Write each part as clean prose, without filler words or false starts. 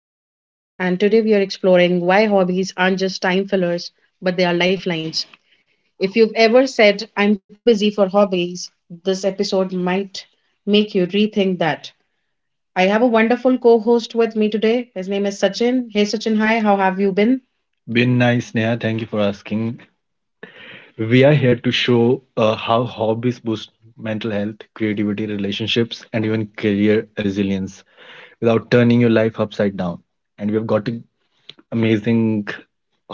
I'm Neha, and today we are exploring why hobbies aren't just time fillers, but they are lifelines. If you've ever said, I'm too busy for hobbies, this episode might make you rethink that. I have a wonderful co host with me today. His name is Sachin. Hey, Sachin, hi, how have you been? Been nice, Neha. Thank you for asking. We are here to show how hobbies boost mental health, creativity, relationships, and even career resilience without turning your life upside down. And we've got an amazing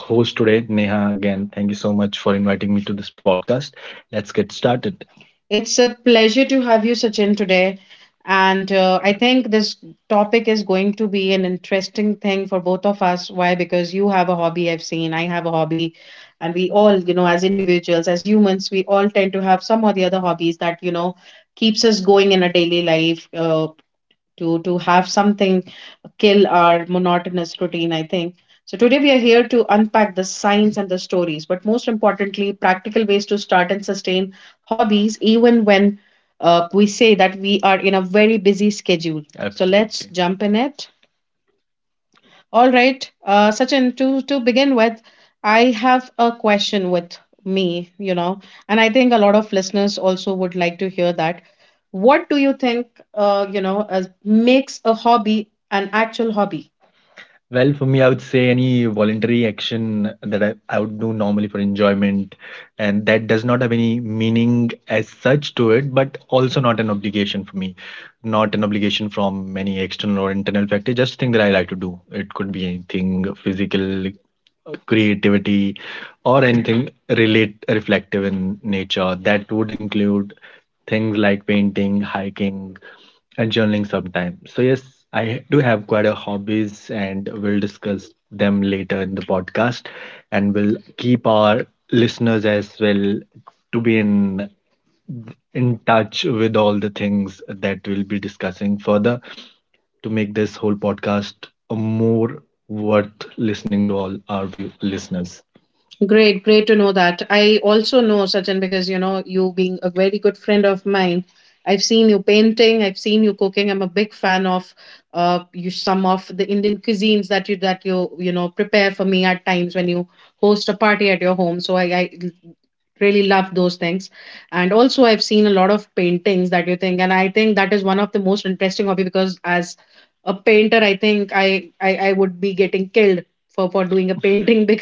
host today, Neha. Again, thank you so much for inviting me to this podcast. Let's get started. It's a pleasure to have you, Sachin, today. And I think this topic is going to be an interesting thing for both of us. Why? Because you have a hobby, I've seen, I have a hobby. And we all, you know, as individuals, as humans, we all tend to have some or the other hobbies that, you know, keeps us going in a daily life. To have something kill our monotonous routine, I think. So today we are here to unpack the science and the stories, but most importantly practical ways to start and sustain hobbies even when we say that we are in a very busy schedule. So let's, absolutely, jump in it. All right, Sachin, to begin with, I have a question with me, you know, and I think a lot of listeners also would like to hear that. What do you think, you know, as makes a hobby an actual hobby? Well, for me, I would say any voluntary action that I would do normally for enjoyment, and that does not have any meaning as such to it, but also not an obligation for me, not an obligation from any external or internal factor. Just thing that I like to do. It could be anything physical, creativity or anything relate reflective in nature that would include things like painting, hiking and journaling sometimes. So yes, I do have quite a hobbies, and we'll discuss them later in the podcast. And we'll keep our listeners as well to be in touch with all the things that we'll be discussing further to make this whole podcast a more worth listening to all our listeners. Great, great to know that. I also know Sachin because you know you being a very good friend of mine. I've seen you painting. I've seen you cooking. I'm a big fan of you some of the Indian cuisines that you you know prepare for me at times when you host a party at your home. So I really love those things. And also, I've seen a lot of paintings that you think, and I think that is one of the most interesting hobby because as a painter I think I would be getting killed for doing a painting.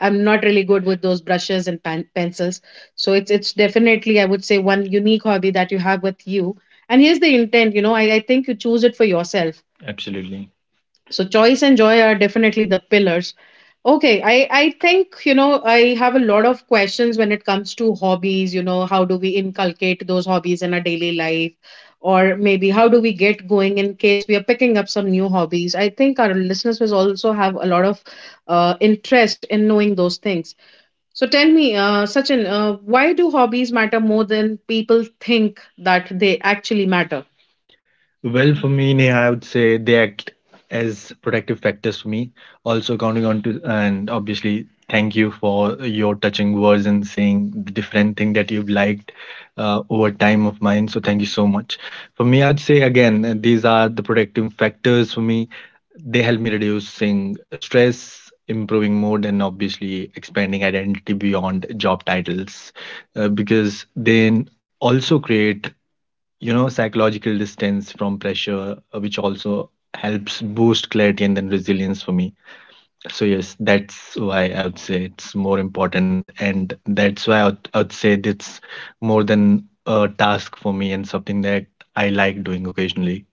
I'm not really good with those brushes and pencils. So it's definitely, I would say, one unique hobby that you have with you. And here's the intent, you know, I think you choose it for yourself. Absolutely. So choice and joy are definitely the pillars. Okay, I think, you know, I have a lot of questions when it comes to hobbies. You know, how do we inculcate those hobbies in our daily life, or maybe how do we get going in case we are picking up some new hobbies? I think our listeners will also have a lot of interest in knowing those things. So tell me, Sachin, why do hobbies matter more than people think that they actually matter? Well, for me, Neha, I would say they act as protective factors for me. Also, counting on to, and obviously, thank you for your touching words and saying the different thing that you've liked over time of mine. So, thank you so much. For me, I would say again, these are the protective factors for me. They help me reducing stress, improving mood, and obviously expanding identity beyond job titles because they also create, you know, psychological distance from pressure, which also helps boost clarity and then resilience for me. So yes, that's why I would say it's more important, and that's why I would say it's more than a task for me and something that I like doing occasionally.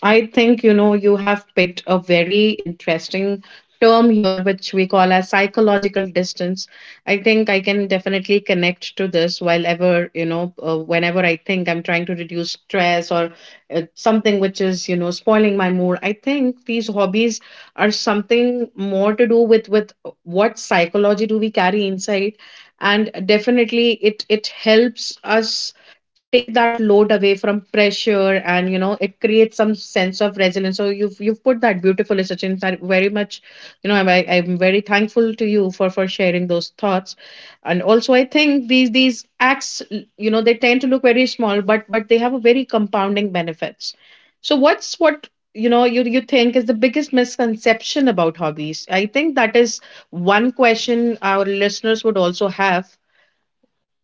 I think, you know, you have picked a very interesting term here, which we call as psychological distance. I think I can definitely connect to this. While ever you know, whenever I think I'm trying to reduce stress or something which is, you know, spoiling my mood, I think these hobbies are something more to do with what psychology do we carry inside, and definitely it helps us take that load away from pressure, and you know it creates some sense of resilience. So you've put that beautifully, Sachin, very much. You know, I'm very thankful to you for sharing those thoughts. And also I think these acts, you know, they tend to look very small, but they have a very compounding benefits. So what you know you you think is the biggest misconception about hobbies? I think that is one question our listeners would also have.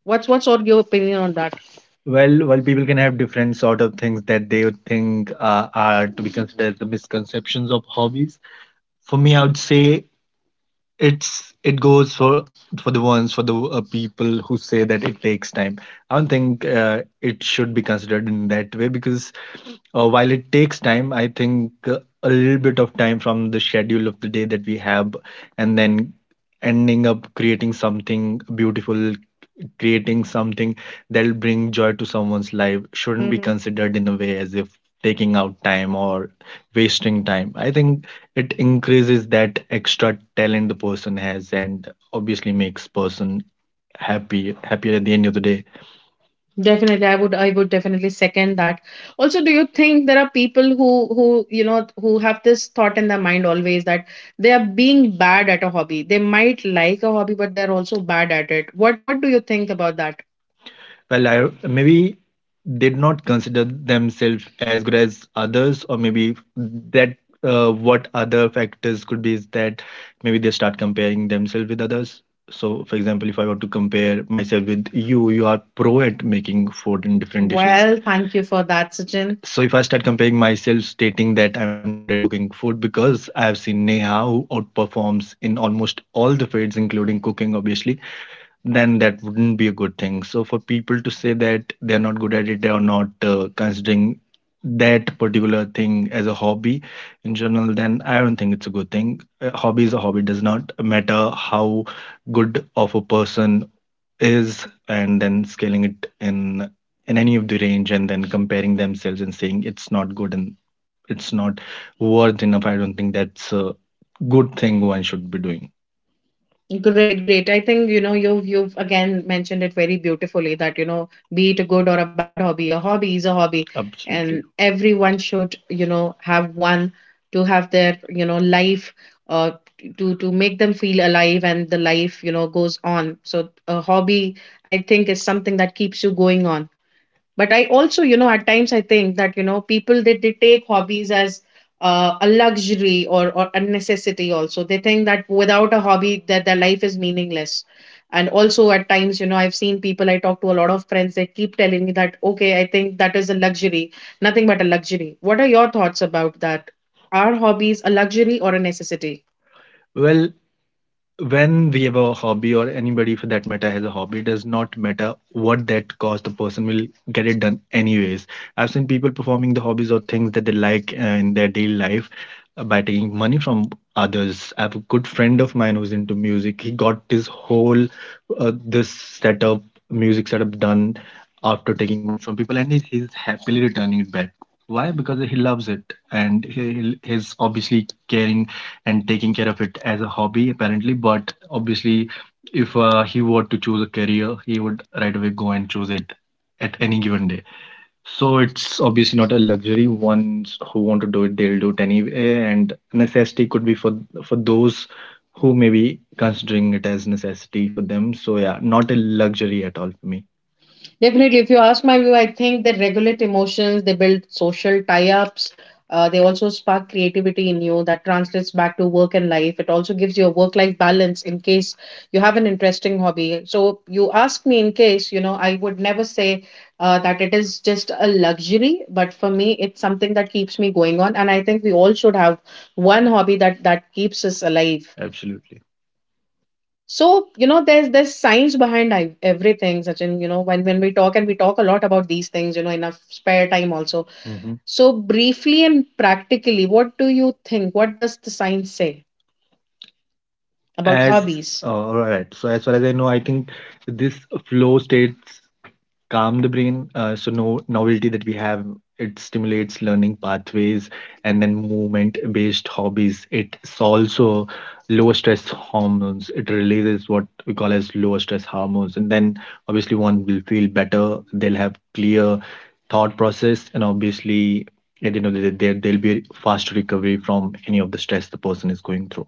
What's all your opinion on that? Well, well, people can have different sort of things that they would think are to be considered the misconceptions of hobbies. For me, I would say it's it goes for the ones for the people who say that it takes time. I don't think it should be considered in that way because while it takes time, I think a little bit of time from the schedule of the day that we have, and then ending up creating something beautiful, creating something that'll bring joy to someone's life shouldn't be considered in a way as if taking out time or wasting time. I think it increases that extra talent the person has, and obviously makes person happy happier at the end of the day. Definitely, I would definitely second that. Also, do you think there are people who who you know who have this thought in their mind always that they are being bad at a hobby? They might like a hobby, but they're also bad at it. What do you think about that? Well, I maybe did not consider themselves as good as others, or maybe that, what other factors could be is that maybe they start comparing themselves with others. So for example, if I were to compare myself with you, you are pro at making food and different dishes. Well, thank you for that, Sachin. So if I start comparing myself, stating that I'm not good at cooking food because I have seen Neha who outperforms in almost all the fields, including cooking, obviously, then that wouldn't be a good thing. So for people to say that they're not good at it, or not considering that particular thing as a hobby in general, then I don't think it's a good thing. A hobby is a hobby. It does not matter how good of a person is, and then scaling it in any of the range, and then comparing themselves and saying it's not good and it's not worth enough. I don't think that's a good thing one should be doing. Great, great. I think, you know, you've again mentioned it very beautifully that, you know, be it a good or a bad hobby, a hobby is a hobby. Absolutely. And everyone should, you know, have one to have their, you know, life uh to make them feel alive, and the life, you know, goes on. So a hobby, I think, is something that keeps you going on, but I also, you know, at times I think that, you know, people that they take hobbies as a luxury or a necessity. Also they think that without a hobby that their life is meaningless. And also at times, you know, I've seen people. I talk to a lot of friends, they keep telling me that, okay, I think that is a luxury, nothing but a luxury. What are your thoughts about that? Are hobbies a luxury or a necessity? Well, when we have a hobby, or anybody for that matter has a hobby, it does not matter what that cost, the person will get it done anyways. I've seen people performing the hobbies or things that they like, in their daily life, by taking money from others. I have a good friend of mine who's into music. He got his whole this setup, music setup, done after taking money from people, and he's happily returning it back. Why? Because he loves it. And he's obviously caring and taking care of it as a hobby apparently, but obviously if he were to choose a career, he would right away go and choose it at any given day. So it's obviously not a luxury. Ones who want to do it, they'll do it anyway, and necessity could be for those who may be considering it as necessity for them. So yeah, not a luxury at all for me. Definitely, if you ask my view, I think they regulate emotions, they build social tie ups, they also spark creativity in you that translates back to work and life. It also gives you a work life balance in case you have an interesting hobby. So, you ask me, in case, you know, I would never say that it is just a luxury, but for me, it's something that keeps me going on. And I think we all should have one hobby that, keeps us alive. Absolutely. So, you know, there's science behind everything, Sachin. You know, when we talk, and we talk a lot about these things, you know, in our spare time also. Mhm. So, briefly and practically, what do you think? What does the science say about As hobbies? All right, so as far as I know, I think this flow state calm the brain. So no novelty that we have. It stimulates learning pathways, and then movement-based hobbies. It's also low stress hormones. It releases what we call as low stress hormones, and then obviously one will feel better. They'll have clear thought process, and obviously, at the end of the day, there'll be a fast recovery from any of the stress the person is going through.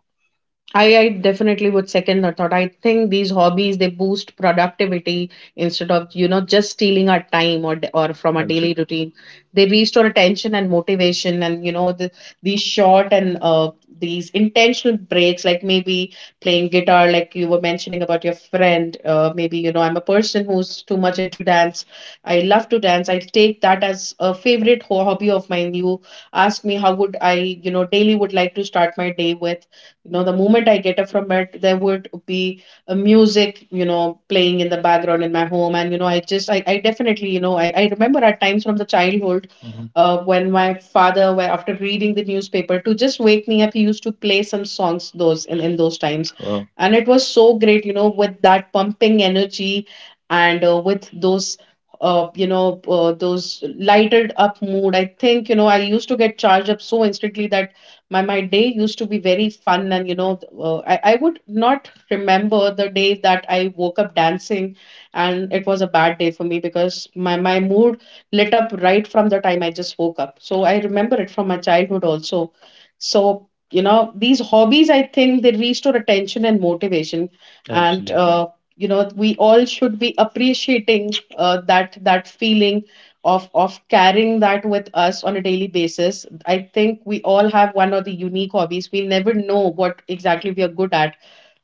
I definitely would second the thought. I think these hobbies they boost productivity instead of, you know, just stealing our time or from our daily, absolutely, routine. They restore attention and motivation, and you know the, these short and these intentional breaks, like maybe playing guitar, like you were mentioning about your friend. Maybe, you know, I'm a person who's too much into dance. I love to dance. I take that as a favorite hobby of mine. You ask me how would I, you know, daily would like to start my day with, you know, the moment I get up from bed there would be a music, you know, playing in the background in my home, and you know I just I definitely, you know, I remember at times from the childhood. When my father were, after reading the newspaper to just wake me up, he used to play some songs those in those times. Wow. And it was so great, you know, with that pumping energy and with those you know those lighted up mood, I think, you know, I used to get charged up so instantly that my day used to be very fun, and you know, I would not remember the day that I woke up dancing and it was a bad day for me, because my mood lit up right from the time I just woke up. So I remember it from my childhood also. So you know these hobbies, I think they restore attention and motivation, and absolutely, you know we all should be appreciating that feeling of carrying that with us on a daily basis. I think we all have one or the unique hobbies. We never know what exactly we are good at,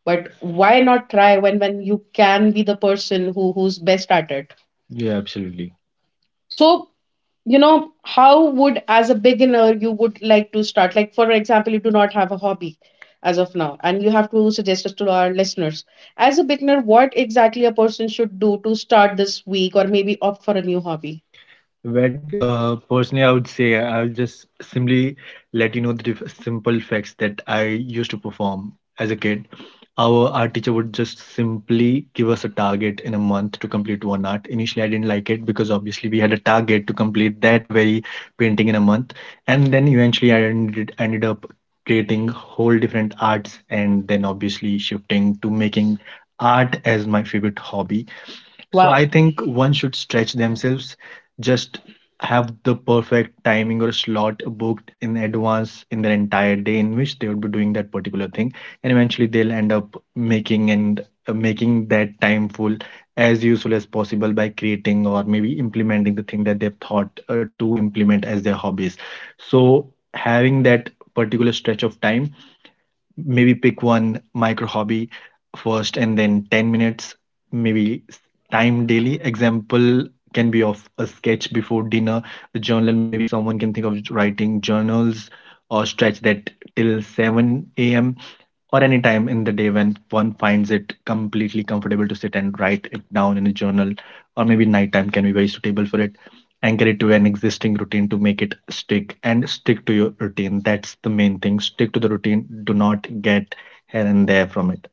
but why not try when you can be the person who who's best at it? Yeah, absolutely. So, you know, how would, as a beginner, you would like to start? Like, for example, you do not have a hobby as of now, and you have to suggest us to our listeners. As a beginner, what exactly a person should do to start this week or maybe opt for a new hobby? Well, personally, I would say I'll just simply let you know the simple facts that I used to perform as a kid. Our art teacher would just simply give us a target in a month to complete one art. Initially, I didn't like it because obviously we had a target to complete that very painting in a month, and then eventually I ended up creating whole different arts, and then obviously shifting to making art as my favorite hobby. So, wow, I think one should stretch themselves, just have the perfect timing or slot booked in advance in their entire day in which they would be doing that particular thing, and eventually they'll end up making and making that time full as useful as possible by creating or maybe implementing the thing that they've thought to implement as their hobbies. So having that particular stretch of time, maybe pick one micro hobby first, and then 10 minutes maybe time daily. Example can be of a sketch before dinner, a journal, maybe someone can think of writing journals, or stretch that till 7 a.m., or any time in the day when one finds it completely comfortable to sit and write it down in a journal, or maybe nighttime can be very suitable for it. Anchor it to an existing routine to make it stick, and stick to your routine. That's the main thing. Stick to the routine. Do not get here and there from it.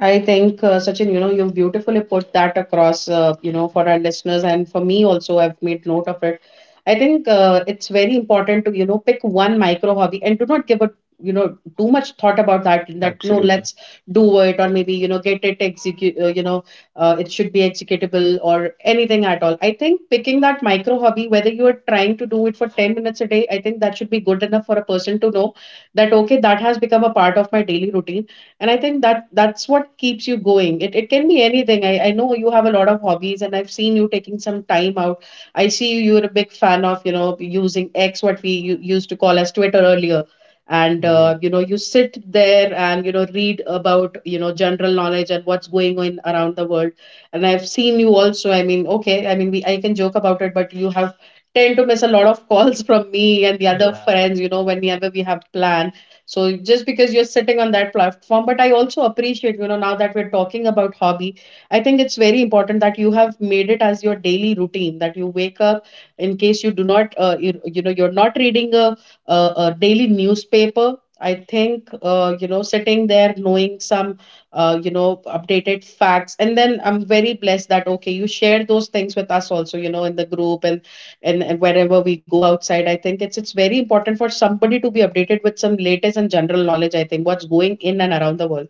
I think, Sachin, you know, you've beautifully put that across, you know, for our listeners and for me also, I've made note of it. I think it's very important to, you know, pick one micro hobby and do not give a, you know, too much thought about that, that, no, absolutely, let's do it or maybe, you know, get it execute, you know, it should be executable or anything at all. I think picking that micro hobby, whether you are trying to do it for 10 minutes a day, I think that should be good enough for a person to know that, okay, that has become a part of my daily routine, and I think that that's what keeps you going. It can be anything. I know you have a lot of hobbies, and I've seen you taking some time out. I see you're a big fan of, you know, using X, what we used to call as Twitter earlier, and, mm, you know, you sit there and, you know, read about, you know, general knowledge and what's going on around the world. And I've seen you also, I mean, okay, I mean, I can joke about it, but you have tend to miss a lot of calls from me and the other, yeah, friends, you know, whenever we have plans, so just because you're sitting on that platform. But I also appreciate, you know, now that we're talking about hobby, I think it's very important that you have made it as your daily routine that you wake up in case you do not, you know, you're not reading a, a daily newspaper. I think, you know, sitting there knowing some, you know, updated facts. And then I'm very blessed that, okay, you share those things with us also, you know, in the group. And and wherever we go outside, I think it's very important for somebody to be updated with some latest and general knowledge. I think what's going in and around the world,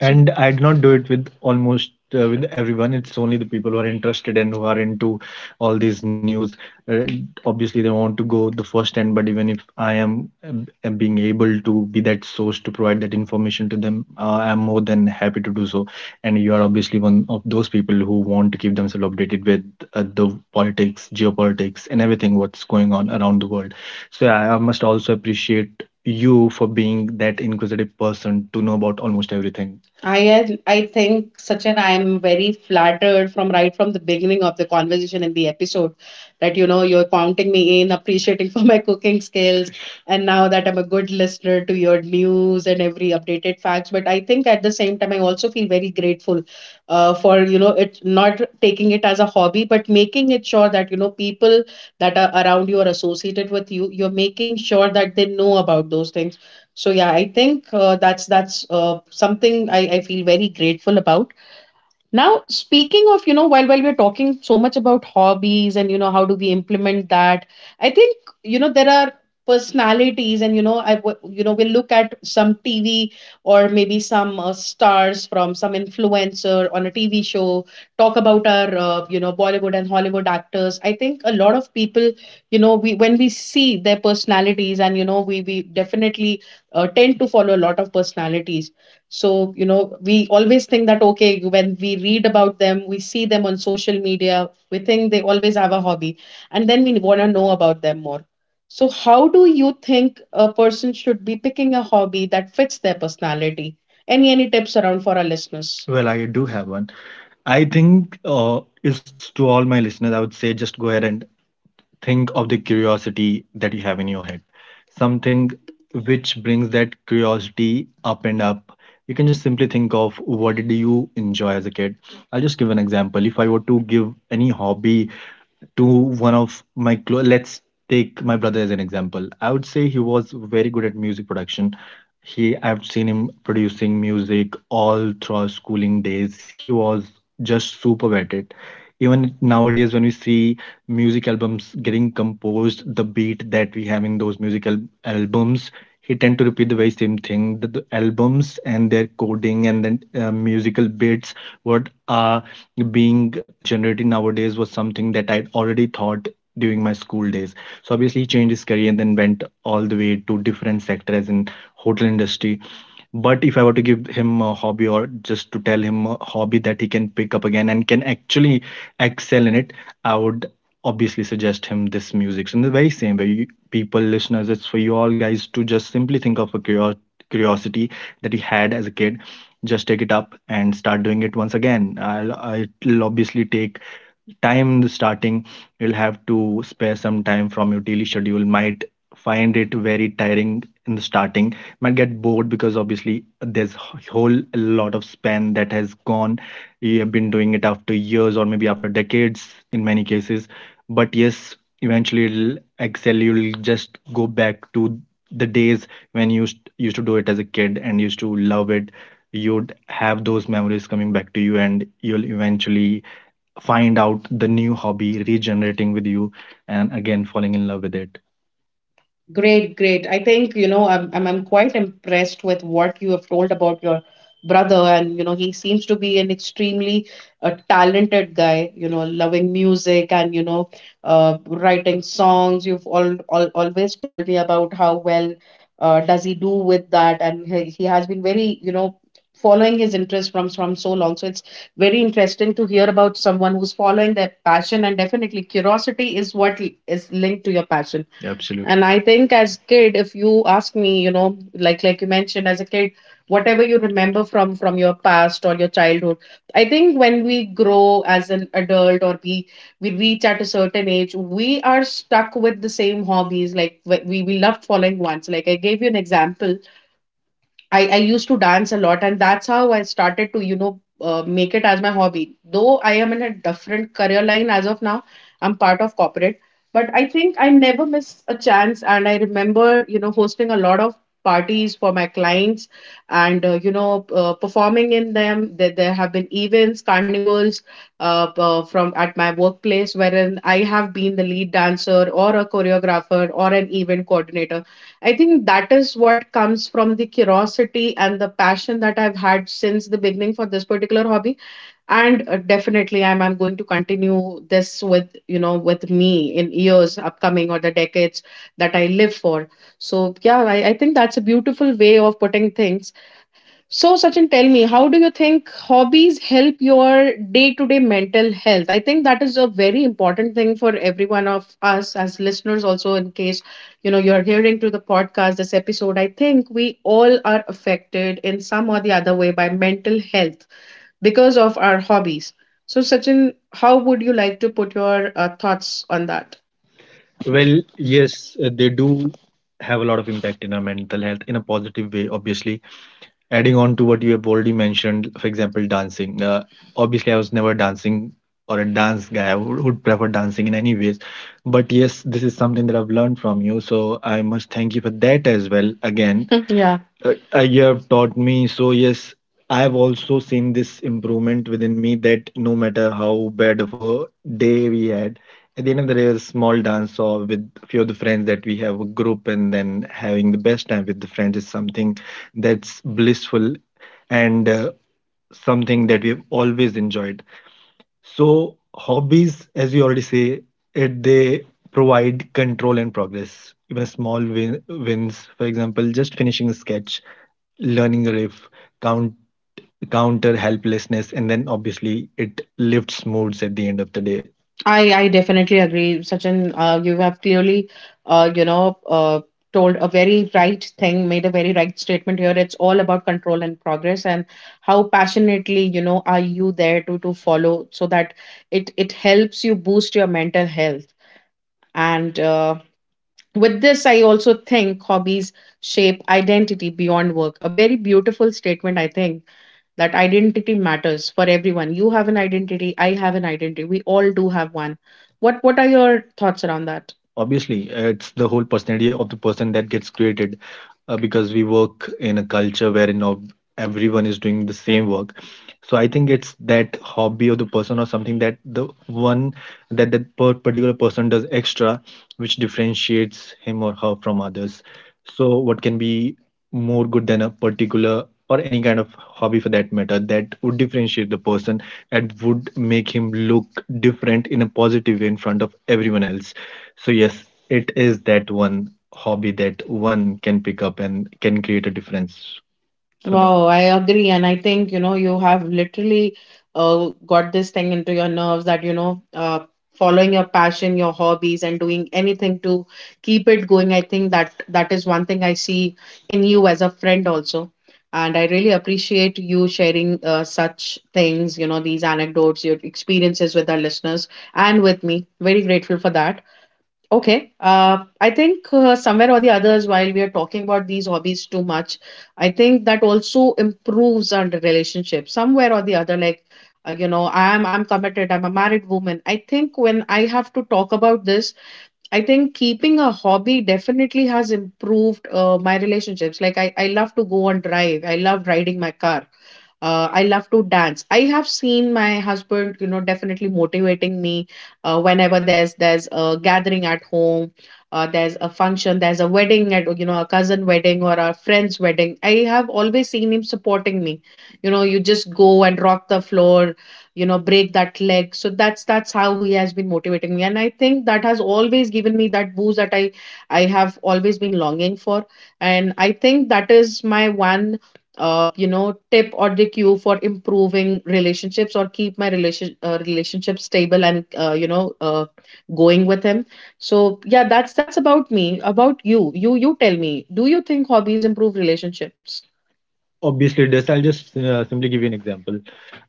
and I did not do it with almost, with everyone. It's only the people who are interested and who are into all these news, uh, obviously they want to go the first hand. But even if I am, am being able to be that source to provide that information to them, I'm more than happy to do so. And you are obviously one of those people who want to keep themselves updated with the politics, geopolitics, and everything what's going on around the world. So I must also appreciate you for being that inquisitive person to know about almost everything. I think, Sachin, I am very flattered from right from the beginning of the conversation in the episode, that you know you're counting me in, appreciating for my cooking skills, and now that I'm a good listener to your news and every updated facts. But I think at the same time, I also feel very grateful for, you know, it not taking it as a hobby, but making it sure that, you know, people that are around you are associated with you. You're making sure that they know about those things. So yeah, I think that's something I feel very grateful about. Now, speaking of, you know, while we're talking so much about hobbies and you know how do we implement that, I think you know there are personalities, and you know we'll look at some TV or maybe some stars from some influencer on a TV show, talk about our you know Bollywood and Hollywood actors. I think a lot of people, you know, we when we see their personalities, and you know we definitely tend to follow a lot of personalities. So, you know, we always think that, okay, when we read about them, we see them on social media, we think they always have a hobby, and then we want to know about them more. So, how do you think a person should be picking a hobby that fits their personality? Any tips around for our listeners? Well, I do have one. I think it's to all my listeners, I would say just go ahead and think of the curiosity that you have in your head, something which brings that curiosity up and up. You can just simply think of what did you enjoy as a kid. I'll just give an example. If I were to give any hobby to one of my let's take my brother as an example, I would say he was very good at music production. He I've seen him producing music all throughout schooling days. He was just super at it. Even nowadays, when we see music albums getting composed, the beat that we have in those musical albums, he tend to repeat the very same thing, the albums and their coding and then musical bits what are being generated nowadays was something that I'd already thought during my school days. So obviously he changed his career and then went all the way to different sector, as in hotel industry. But if I were to give him a hobby, or just to tell him a hobby that he can pick up again and can actually excel in it, I would obviously suggest him this music. So in the very same way, you, people, listeners, it's for you all guys to just simply think of a curiosity that you had as a kid. Just take it up and start doing it once again. I'll it'll obviously take time in the starting. You'll have to spare some time from your daily schedule. Might find it very tiring in the starting, might get bored, because obviously there's whole lot of span that has gone. You have been doing it after years or maybe after decades in many cases. But yes, eventually it'll excel. You'll just go back to the days when you used to do it as a kid and used to love it. You'd have those memories coming back to you, and you'll eventually find out the new hobby regenerating with you, and again falling in love with it. Great, great. I think, you know, I'm quite impressed with what you have told about your brother. And, you know, he seems to be an extremely talented guy, you know, loving music, and, you know, writing songs. You've always told me about how well does he do with that. And he has been very, you know, following his interest from so long. So it's very interesting to hear about someone who's following their passion. And definitely curiosity is what is linked to your passion. Absolutely. And I think as kid, if you ask me, you know, like you mentioned, as a kid, whatever you remember from your past or your childhood. I think when we grow as an adult, or we reach at a certain age, we are stuck with the same hobbies. Like we love following ones. Like I gave you an example, I used to dance a lot, and that's how I started to, you know, make it as my hobby. Though I am in a different career line as of now, I'm part of corporate, but I think I never miss a chance. And I remember, you know, hosting a lot of parties for my clients and, you know, performing in them. There have been events, carnivals from at my workplace, wherein I have been the lead dancer or a choreographer or an event coordinator. I think that is what comes from the curiosity and the passion that I've had since the beginning for this particular hobby. And definitely, I'm going to continue this with, you know, with me in years upcoming or the decades that I live for. So, yeah, I think that's a beautiful way of putting things. So, Sachin, tell me, how do you think hobbies help your day to day mental health? I think that is a very important thing for every one of us as listeners, also, in case you know you're hearing to the podcast this episode. I think we all are affected in some or the other way by mental health because of our hobbies. So, Sachin, how would you like to put your thoughts on that? Well, yes, they do have a lot of impact in our mental health in a positive way, obviously, adding on to what you have already mentioned, for example, dancing. Obviously, I was never dancing or a dance guy. I would prefer dancing in any ways. But yes, this is something that I've learned from you. So I must thank you for that as well. Again, yeah, you have taught me. So yes, I have also seen this improvement within me that no matter how bad of a day we had, at the end of the day, a small dance or with a few of the friends that we have a group and then having the best time with the friends is something that's blissful, and something that we've always enjoyed. So, hobbies, as you already say, it they provide control and progress. Even small wins, for example, just finishing a sketch, learning a riff, count counter helplessness, and then obviously it lifts moods at the end of the day. I definitely agree, Sachin. You have clearly, you know, told a very right thing, made a very right statement here. It's all about control and progress, and how passionately, you know, are you there to follow, so that it helps you boost your mental health. And with this, I also think hobbies shape identity beyond work. A very beautiful statement, I think, that identity matters for everyone. You have an identity, I have an identity, we all do have one. What are your thoughts around that? Obviously, it's the whole personality of the person that gets created, because we work in a culture wherein everyone is doing the same work. So I think it's that hobby of the person, or something that the one that that per particular person does extra, which differentiates him or her from others. So what can be more good than a particular or any kind of hobby for that matter that would differentiate the person and would make him look different in a positive way in front of everyone else. So yes, it is that one hobby that one can pick up and can create a difference. So wow, I agree. And I think, you know, you have literally got this thing into your nerves that, you know, following your passion, your hobbies, and doing anything to keep it going. I think that is one thing I see in you as a friend also. And I really appreciate you sharing such things, you know, these anecdotes, your experiences with our listeners and with me. Very grateful for that. Okay. I think somewhere or the others, while we are talking about these hobbies too much, I think that also improves our relationship somewhere or the other. Like, you know, I'm committed. I'm a married woman. I think when I have to talk about this, I think keeping a hobby definitely has improved my relationships. Like, I love to go and drive. I love riding my car. I love to dance. I have seen my husband, you know, definitely motivating me whenever there's a gathering at home, there's a function, there's a wedding at, you know, a cousin wedding or a friend's wedding. I have always seen him supporting me, you know, you just go and rock the floor, you know, break that leg. So that's how he has been motivating me, and I think that has always given me that boost that I have always been longing for. And I think that is my one you know, tip or the cue for improving relationships or keep my relationship stable, and you know, going with him. So yeah, that's about me. About you, you tell me, do you think hobbies improve relationships? Obviously, it does. I'll just simply give you an example.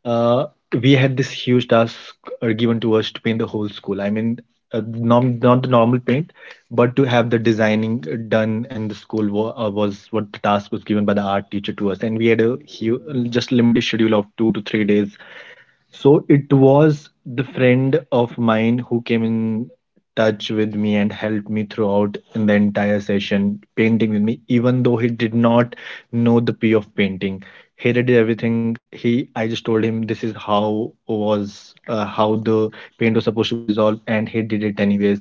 Uh, we had this huge task given to us to paint the whole school. I mean, not the normal paint, but to have the designing done, and the school was what the task was given by the art teacher to us. And we had a just limited schedule of 2 to 3 days. So it was the friend of mine who came in touch with me and helped me throughout in the entire session painting with me, even though he did not know the p of painting. He did everything. He i just told him this is how the paint was supposed to be dissolved, and he did it anyways.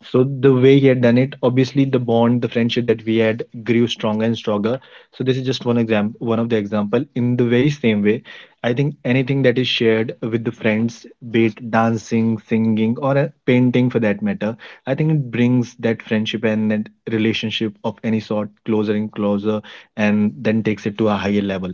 So the way he had done it, obviously the bond, the friendship that we had, grew stronger and stronger. So this is just one of the example. In the very same way, I think anything that is shared with the friends, be it dancing, singing, or a painting for that matter, I think it brings that friendship and that relationship of any sort closer and closer, and then takes it to a higher level.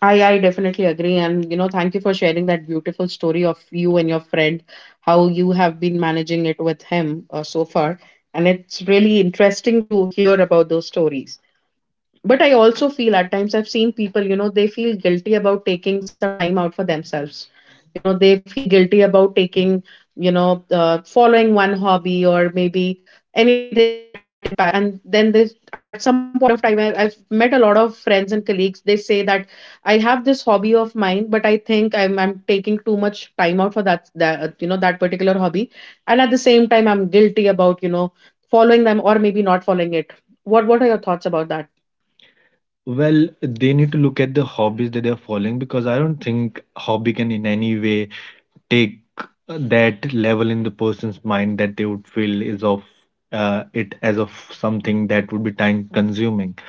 I definitely agree. And, you know, thank you for sharing that beautiful story of you and your friend, how you have been managing it with him so far. And it's really interesting to hear about those stories. But I also feel at times I've seen people, you know, they feel guilty about taking some time out for themselves. You know, they feel guilty about taking, following one hobby or maybe anything that impacts. And then this, at some point of time, I've met a lot of friends and colleagues. They say that I have this hobby of mine, but I think I'm taking too much time out for that that particular hobby, and at the same time, I'm guilty about, you know, following them or maybe not following it. What are your thoughts about that? Well, they need to look at the hobbies that they're following, because I don't think hobby can in any way take that level in the person's mind that they would feel is of it as of something that would be time consuming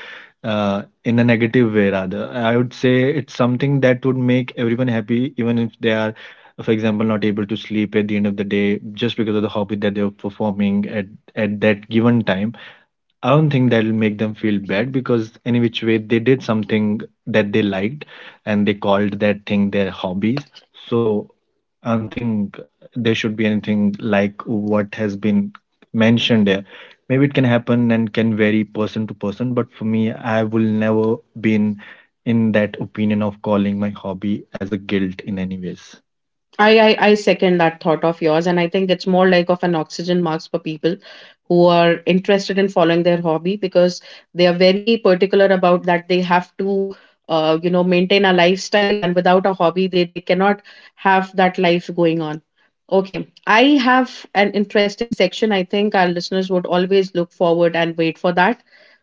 in a negative way. Rather, I would say it's something that would make everyone happy, even if they are, for example, not able to sleep at the end of the day just because of the hobby that they're performing at that given time. I don't think that'll make them feel bad, because any which way they did something that they liked, and they called that thing their hobbies. So I don't think there should be anything like what has been mentioned there. Maybe it can happen and can vary person to person, but for me, I will never been in that opinion of calling my hobby as a guilt in any ways. I second that thought of yours, and I think it's more like of an oxygen mask for people who are interested in following their hobby, because they are very particular about that they have to you know, maintain a lifestyle, and without a hobby they cannot have that life going on. Okay, I have an interesting section. I think our listeners would always look forward and wait for that.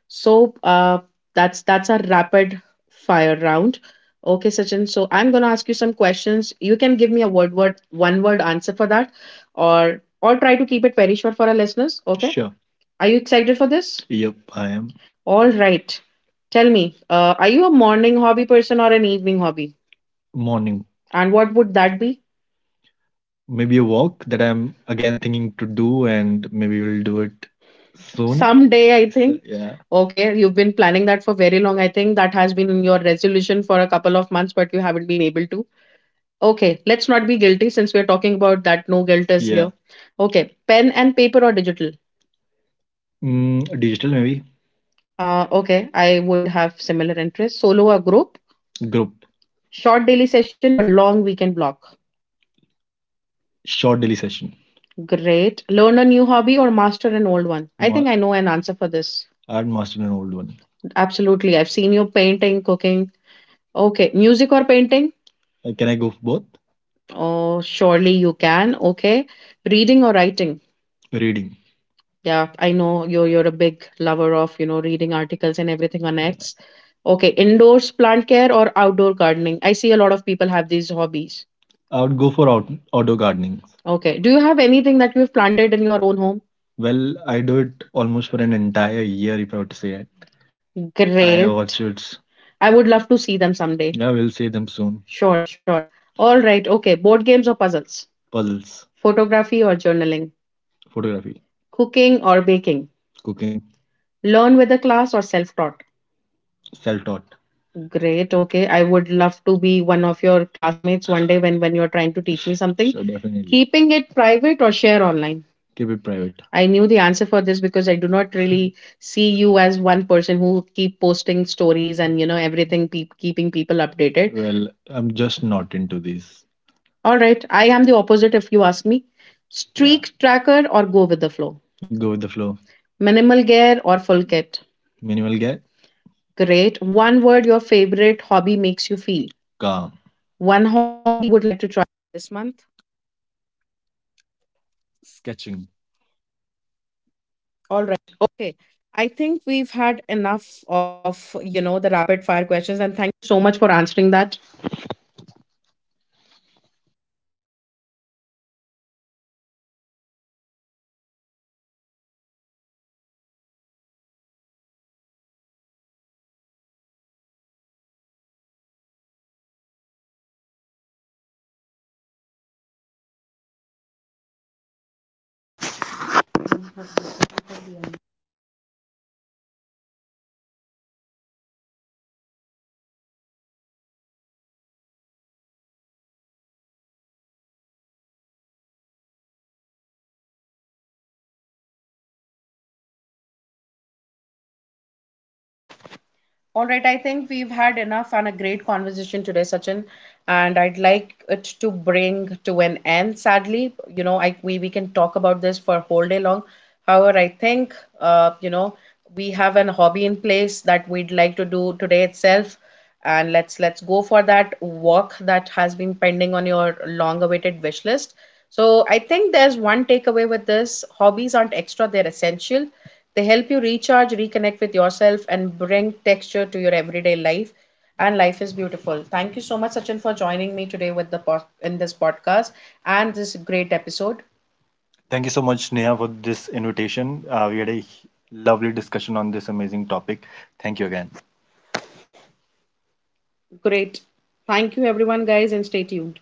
So that's a rapid fire round. Okay, Sachin. So I'm gonna ask you some questions. You can give me a word word one word answer for that, or try to keep it very short for our listeners. Okay. Sure. Are you excited for this? Yep, I am. All right. Tell me, are you a morning hobby person or an evening hobby? Morning. And what would that be? Maybe a walk that I'm again thinking to do, and maybe we'll do it soon. Someday, I So, think. Yeah. Okay, you've been planning that for very long. I think that has been your resolution for a couple of months, but you haven't been able to. Okay, let's not be guilty, since we're talking about that no guilt is. Yeah. Here. Okay, pen and paper or digital? Digital, maybe. Okay, I would have similar interests. Solo or group? Group. Short daily session or long weekend block? Short daily session. Great. Learn a new hobby or master an old one. Think I know an answer for this, and master an old one. Absolutely. I've seen you painting, cooking. Okay. Music or painting? Can I go for both? Oh, surely you can. Okay. Reading or writing? Reading. Yeah, I know you're a big lover of, you know, reading articles and everything on X. Okay, indoors plant care or outdoor gardening? I see a lot of people have these hobbies. I would go for outdoor gardening. Okay. Do you have anything that you've planted in your own home? Well, I do it almost for an entire year, if I were to say it. I Great. Watch it. I would love to see them someday. Yeah, we'll see them soon. Sure, sure. All right. Okay. Board games or puzzles? Puzzles. Photography or journaling? Photography. Cooking or baking? Cooking. Learn with a class or self taught? Self-taught. Great. Okay. I would love to be one of your classmates one day when, you're trying to teach me something. So definitely. Keeping it private or share online? Keep it private. I knew the answer for this, because I do not really see you as one person who keep posting stories and, you know, keeping people updated. Well, I'm just not into these. All right, I am the opposite if you ask me. Yeah. Streak tracker or go with the flow? Go with the flow. Minimal gear or full kit? Minimal gear. Great. One word your favorite hobby makes you feel. Calm. One hobby you would All right, I think we've had enough and a great conversation today, Sachin, and I'd like it to bring to an end. Sadly, you know, I we can talk about this for a whole day long. However, I think uh, you know, we have an hobby in place that we'd like to do today itself, and let's go for that walk that has been pending on your long-awaited wish list. So I think there's one takeaway with this: hobbies aren't extra, they're essential, they help you recharge, reconnect with yourself, and bring texture to your everyday life. And life is beautiful. Thank you so much, Sachin, for joining me today with in this podcast and this great episode. Thank you so much, Neha, for this invitation. We had a lovely discussion on this amazing topic. Thank you again. Great. Thank you, everyone, guys, and stay tuned.